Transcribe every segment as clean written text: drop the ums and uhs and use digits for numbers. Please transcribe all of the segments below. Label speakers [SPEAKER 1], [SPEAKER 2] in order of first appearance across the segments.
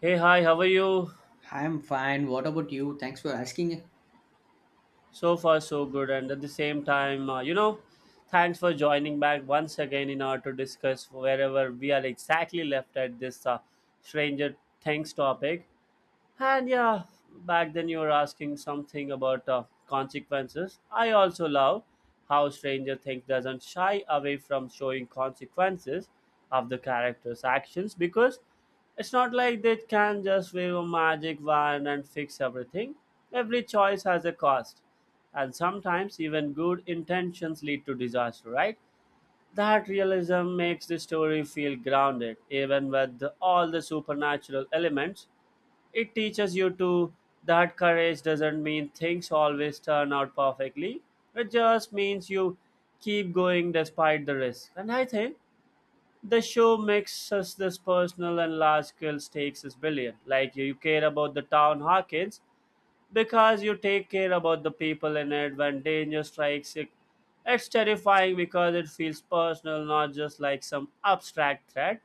[SPEAKER 1] Hey, hi, how are you?
[SPEAKER 2] I'm fine. What about you? Thanks for asking.
[SPEAKER 1] So far, so good. And at the same time, thanks for joining back once again in order to discuss wherever we are exactly left at this Stranger Things topic. And yeah, back then you were asking something about consequences. I also love how Stranger Things doesn't shy away from showing consequences of the characters' actions because it's not like they can just wave a magic wand and fix everything. Every choice has a cost, and sometimes even good intentions lead to disaster, right? That realism makes the story feel grounded, even with all the supernatural elements, it teaches you to that courage doesn't mean things always turn out perfectly. It just means you keep going despite the risk. And I think the show makes us this personal and large scale stakes is billion. Like, you care about the town Hawkins because you take care about the people in it. When danger strikes it, it's terrifying because it feels personal, not just like some abstract threat.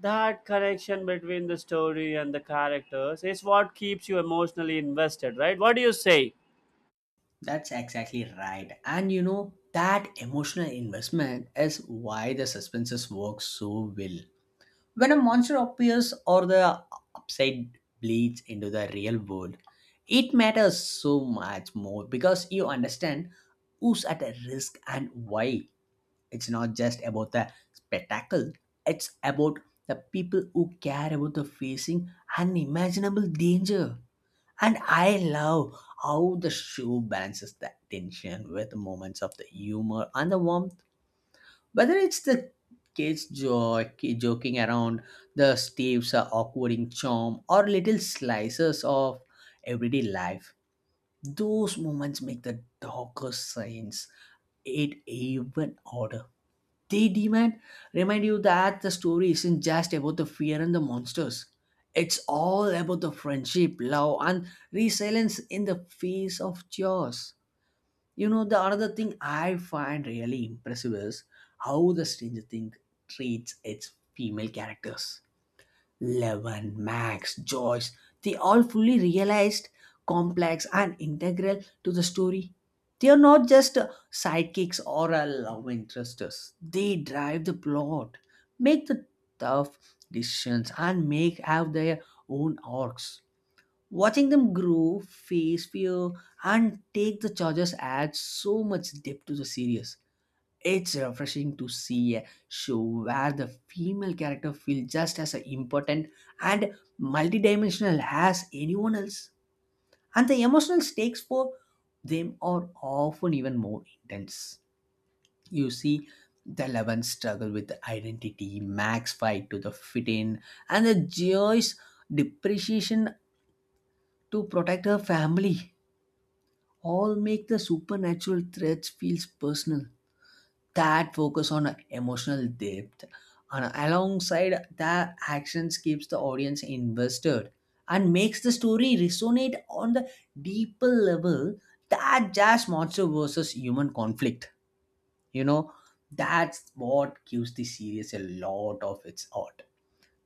[SPEAKER 1] That connection between the story and the characters is what keeps you emotionally invested, right? What do you say?
[SPEAKER 2] That's exactly right. And you know, that emotional investment is why the suspenses work so well. When a monster appears or the upside bleeds into the real world, it matters so much more because you understand who's at a risk and why. It's not just about the spectacle, it's about the people who care about the facing unimaginable danger. And I love how the show balances that tension with moments of the humor and the warmth. Whether it's the kids joy, joking around, the Steve's awkward charm, or little slices of everyday life, those moments make the darker scenes it even odder. They demand remind you that the story isn't just about the fear and the monsters. It's all about the friendship, love, and resilience in the face of chaos. You know, the another thing I find really impressive is how the Stranger Thing treats its female characters Levin, Max, Joyce, they all fully realized, complex, and integral to the story. They are not just sidekicks or love interests. They drive the plot, make the tough decisions, and make have their own arcs. Watching them grow, face fear, and take the charges adds so much depth to the series. It's refreshing to see a show where the female character feels just as important and multidimensional as anyone else, and the emotional stakes for them are often even more intense. You see, the Eleven struggle with identity, Max fight to the fit in, and the Joy's depreciation to protect her family all make the supernatural threats feels personal. That focus on emotional depth and alongside that actions keeps the audience invested and makes the story resonate on the deeper level that just monster versus human conflict. You know, that's what gives the series a lot of its art.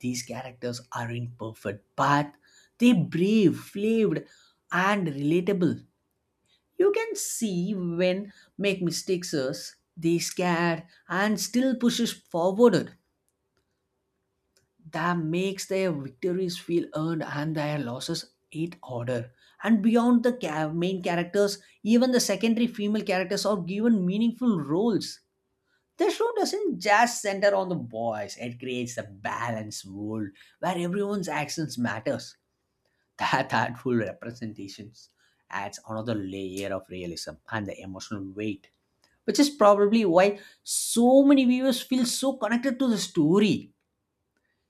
[SPEAKER 2] These characters aren't perfect, but they're brave, flawed, and relatable. You can see when make mistakes us, they scared and still pushes forward. That makes their victories feel earned and their losses it order. And beyond the main characters, even the secondary female characters are given meaningful roles. The show doesn't just center on the boys; it creates a balanced world where everyone's actions matters. That artful representations adds another layer of realism and the emotional weight, which is probably why so many viewers feel so connected to the story.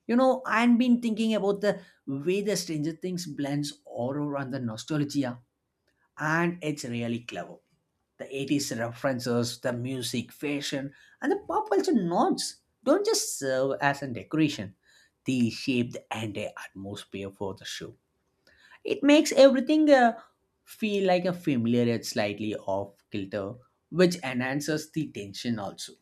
[SPEAKER 2] You know, I've been thinking about the way the Stranger Things blends horror and the nostalgia, and it's really clever. The 80s references, the music, fashion, and the pop culture nods don't just serve as a decoration, they shape the entire atmosphere for the show. It makes everything feel like a familiar yet slightly off kilter, which enhances the tension also.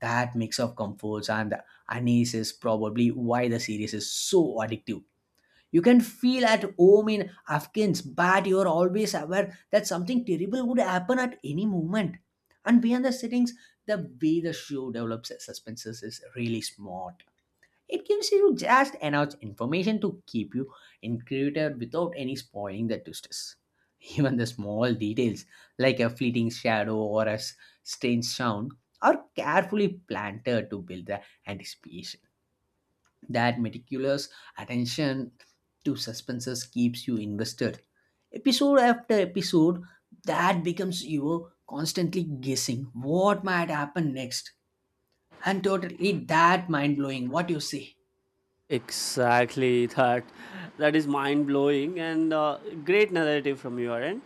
[SPEAKER 2] That mix of comforts and unease is probably why the series is so addictive. You can feel at home in Afghans, but you are always aware that something terrible would happen at any moment. And beyond the settings, the way the show develops suspenses is really smart. It gives you just enough information to keep you inquisitive without any spoiling the twists. Even the small details, like a fleeting shadow or a strange sound, are carefully planted to build the anticipation. That meticulous attention to suspenses keeps you invested. Episode after episode, that becomes you constantly guessing what might happen next and totally that mind blowing what you see.
[SPEAKER 1] Exactly that. That is mind blowing and great narrative from your end.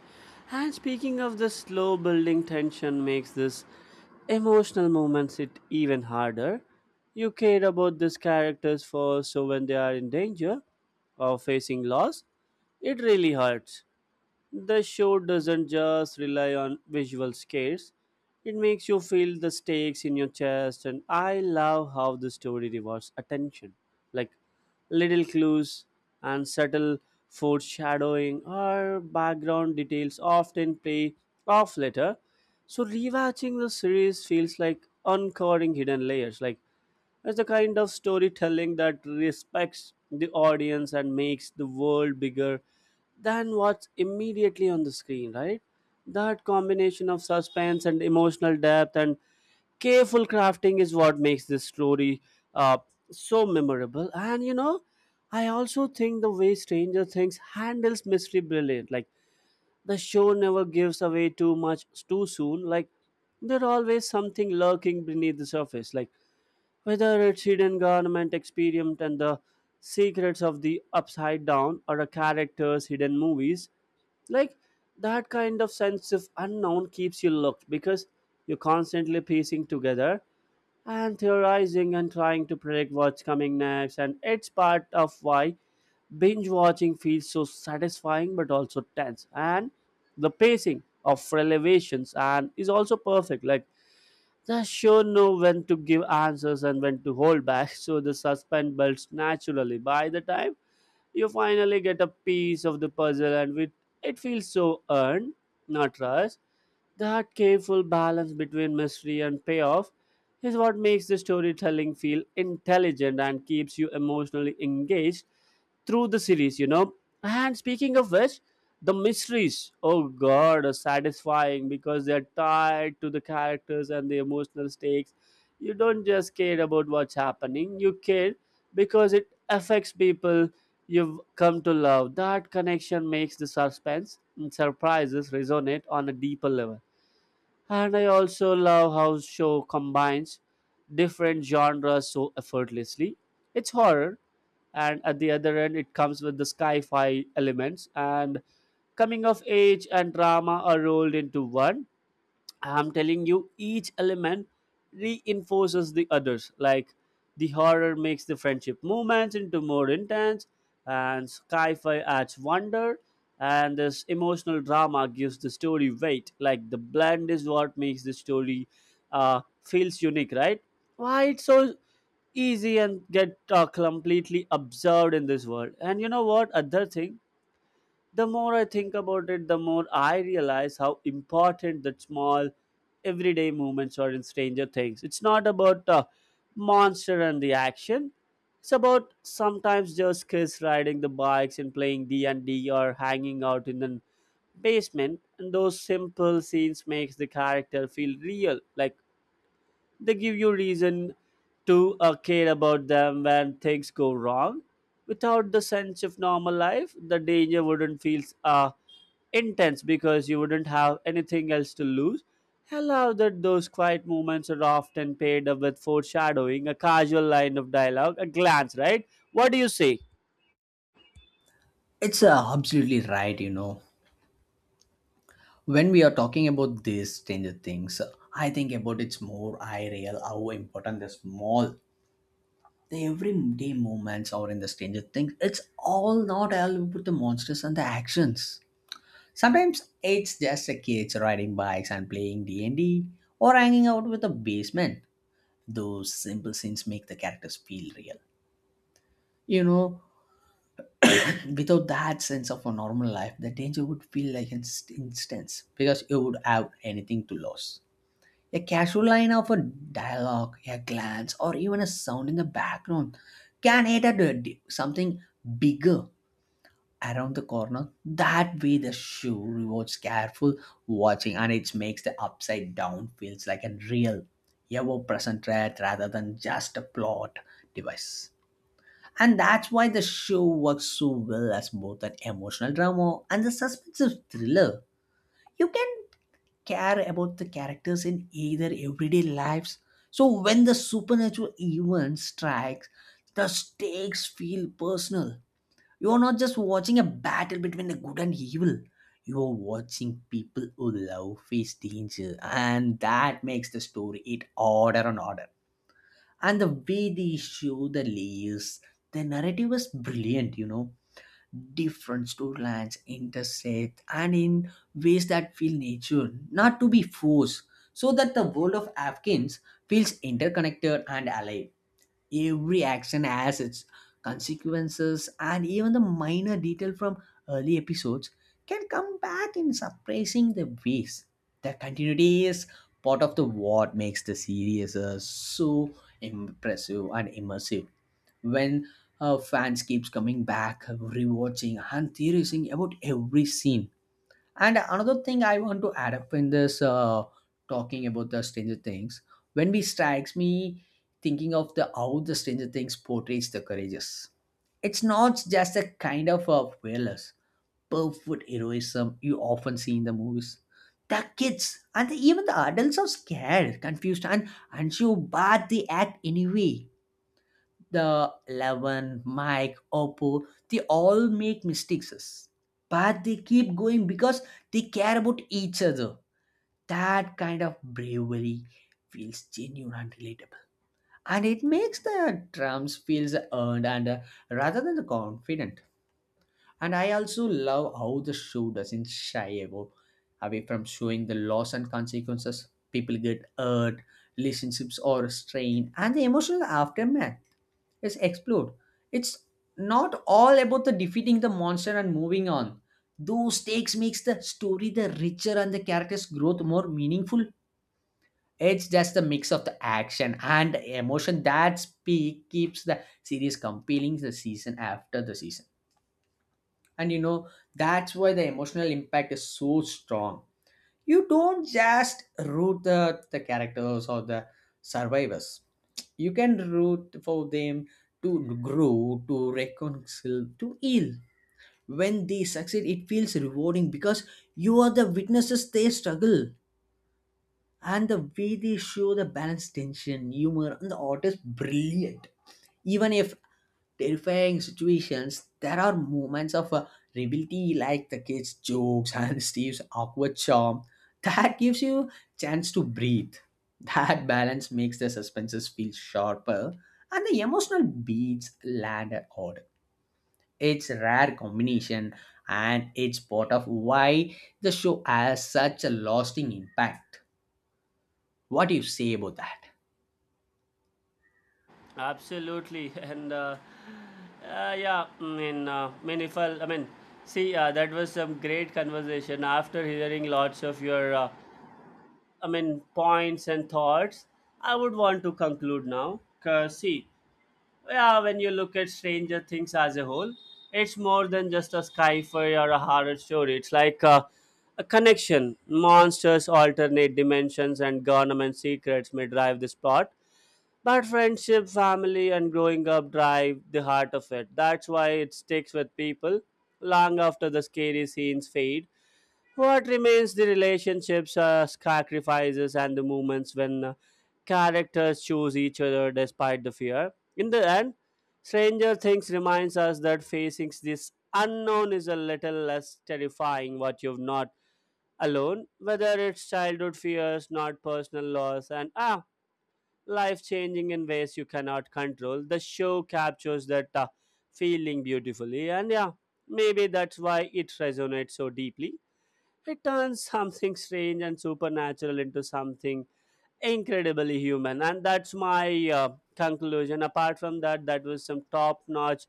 [SPEAKER 1] And speaking of the slow building tension makes this emotional moments it even harder. You care about these characters first, so when they are in danger or facing loss, it really hurts. The show doesn't just rely on visual scares, it makes you feel the stakes in your chest, and I love how the story rewards attention. Like, little clues and subtle foreshadowing or background details often play off later. So, rewatching the series feels like uncovering hidden layers. Like, it's a kind of storytelling that respects the audience and makes the world bigger than what's immediately on the screen, right? That combination of suspense and emotional depth and careful crafting is what makes this story uh, so memorable. And you know, I also think the way Stranger Things handles mystery brilliant. Like, the show never gives away too much too soon. Like, there's always something lurking beneath the surface. Like, whether it's hidden government experiment and the secrets of the upside down or a character's hidden movies, like, that kind of sense of unknown keeps you locked because you're constantly piecing together and theorizing and trying to predict what's coming next, and it's part of why binge watching feels so satisfying but also tense. And the pacing of revelations and is also perfect. Like, the show know when to give answers and when to hold back, so the suspense builds naturally. By the time you finally get a piece of the puzzle, and it feels so earned, not rushed. That careful balance between mystery and payoff is what makes the storytelling feel intelligent and keeps you emotionally engaged through the series, you know. And speaking of which, the mysteries, oh god, are satisfying because they're tied to the characters and the emotional stakes. You don't just care about what's happening, you care because it affects people you've come to love. That connection makes the suspense and surprises resonate on a deeper level. And I also love how show combines different genres so effortlessly. It's horror, and at the other end, it comes with the sci fi elements, and coming of age and drama are rolled into one. I'm telling you, each element reinforces the others. Like, the horror makes the friendship moments into more intense, and sci-fi adds wonder, and this emotional drama gives the story weight. Like, the blend is what makes the story feels unique, right? Why it's so easy and get completely absorbed in this world. And you know what? Other thing, the more I think about it, the more I realize how important that small everyday moments are in Stranger Things. It's not about the monster and the action. It's about sometimes just kids riding the bikes and playing D&D or hanging out in the basement, and those simple scenes makes the character feel real. Like, they give you reason to care about them when things go wrong. Without the sense of normal life, the danger wouldn't feel intense because you wouldn't have anything else to lose. I love that those quiet moments are often paired up with foreshadowing, a casual line of dialogue, a glance, right? What do you say?
[SPEAKER 2] It's absolutely right, you know. When we are talking about these Stranger Things, I think about it's more I real how important the small, the everyday moments are in the Stranger Things. It's all not all about the monsters and the actions. Sometimes it's just the kids riding bikes and playing D and D, or hanging out with the basement. Those simple scenes make the characters feel real. You know, like, without that sense of a normal life, the danger would feel like an instance because you would have anything to lose. A casual line of a dialogue, a glance, or even a sound in the background can hit at a something bigger around the corner. That way, the show rewards careful watching and it makes the upside down feels like a real, ever present threat rather than just a plot device. And that's why the show works so well as both an emotional drama and a suspensive thriller. You can care about the characters in either everyday lives. So when the supernatural event strikes, the stakes feel personal. You are not just watching a battle between the good and evil. You are watching people who love face danger, and that makes the story it order and order. And the way they show the layers, the narrative is brilliant. You know, different storylines intersect and in ways that feel natural, not to be forced, so that the world of Afghans feels interconnected and alive. Every action has its consequences, and even the minor detail from early episodes can come back in surprising the ways. The continuity is part of the what makes the series so impressive and immersive when fans keeps coming back rewatching and theorizing about every scene. And another thing I want to add up in this talking about the Stranger Things, when we strikes me thinking of the how the Stranger Things portrays the courageous, it's not just a kind of a fearless perfect heroism you often see in the movies. The kids and the, even the adults are scared, confused, and unsure, but they act anyway. The Levin, Mike, Oppo, they all make mistakes. But they keep going because they care about each other. That kind of bravery feels genuine and relatable. And it makes the drums feels earned and, rather than the confident. And I also love how the show doesn't shy about away from showing the loss and consequences. People get hurt, relationships are strained, and the emotional aftermath yes, explode. It's not all about the defeating the monster and moving on. Those stakes makes the story the richer and the character's growth more meaningful. It's just the mix of the action and emotion that speak keeps the series compelling the season after the season. And you know, that's why the emotional impact is so strong. You don't just root the characters or the survivors. You can root for them to grow, to reconcile, to heal. When they succeed, it feels rewarding because you are the witnesses they struggle. And the way they show the balance, tension, humor, and the art is brilliant. Even if terrifying situations, there are moments of rebellion like the kids' jokes and Steve's awkward charm that gives you chance to breathe. That balance makes the suspenses feel sharper and the emotional beats land at odd. It's a rare combination and it's part of why the show has such a lasting impact. What do you say about that?
[SPEAKER 1] Absolutely, and yeah, I mean, if I, I mean, see, that was some great conversation. After hearing lots of your points and thoughts, I would want to conclude now. Because, see, yeah, when you look at Stranger Things as a whole, it's more than just a sci-fi or a horror story. It's like a connection. Monsters, alternate dimensions, and government secrets may drive this plot. But friendship, family, and growing up drive the heart of it. That's why it sticks with people long after the scary scenes fade. What remains the relationships, sacrifices, and the moments when characters choose each other despite the fear? In the end, Stranger Things reminds us that facing this unknown is a little less terrifying what you've not alone, whether it's childhood fears, not personal loss, and ah, life changing in ways you cannot control. The show captures that feeling beautifully, and yeah, maybe that's why it resonates so deeply. It turns something strange and supernatural into something incredibly human. And that's my conclusion. Apart from that, that was some top notch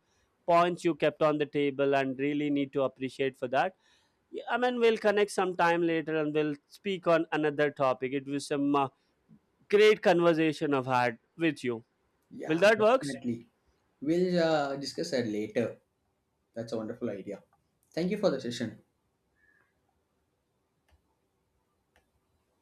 [SPEAKER 1] points you kept on the table and really need to appreciate for that. Yeah, I mean, we'll connect sometime later and we'll speak on another topic. It was some great conversation I've had with you. Will
[SPEAKER 2] Yeah,
[SPEAKER 1] that work?
[SPEAKER 2] definitely. We'll discuss that later. That's a wonderful idea. Thank you for the session.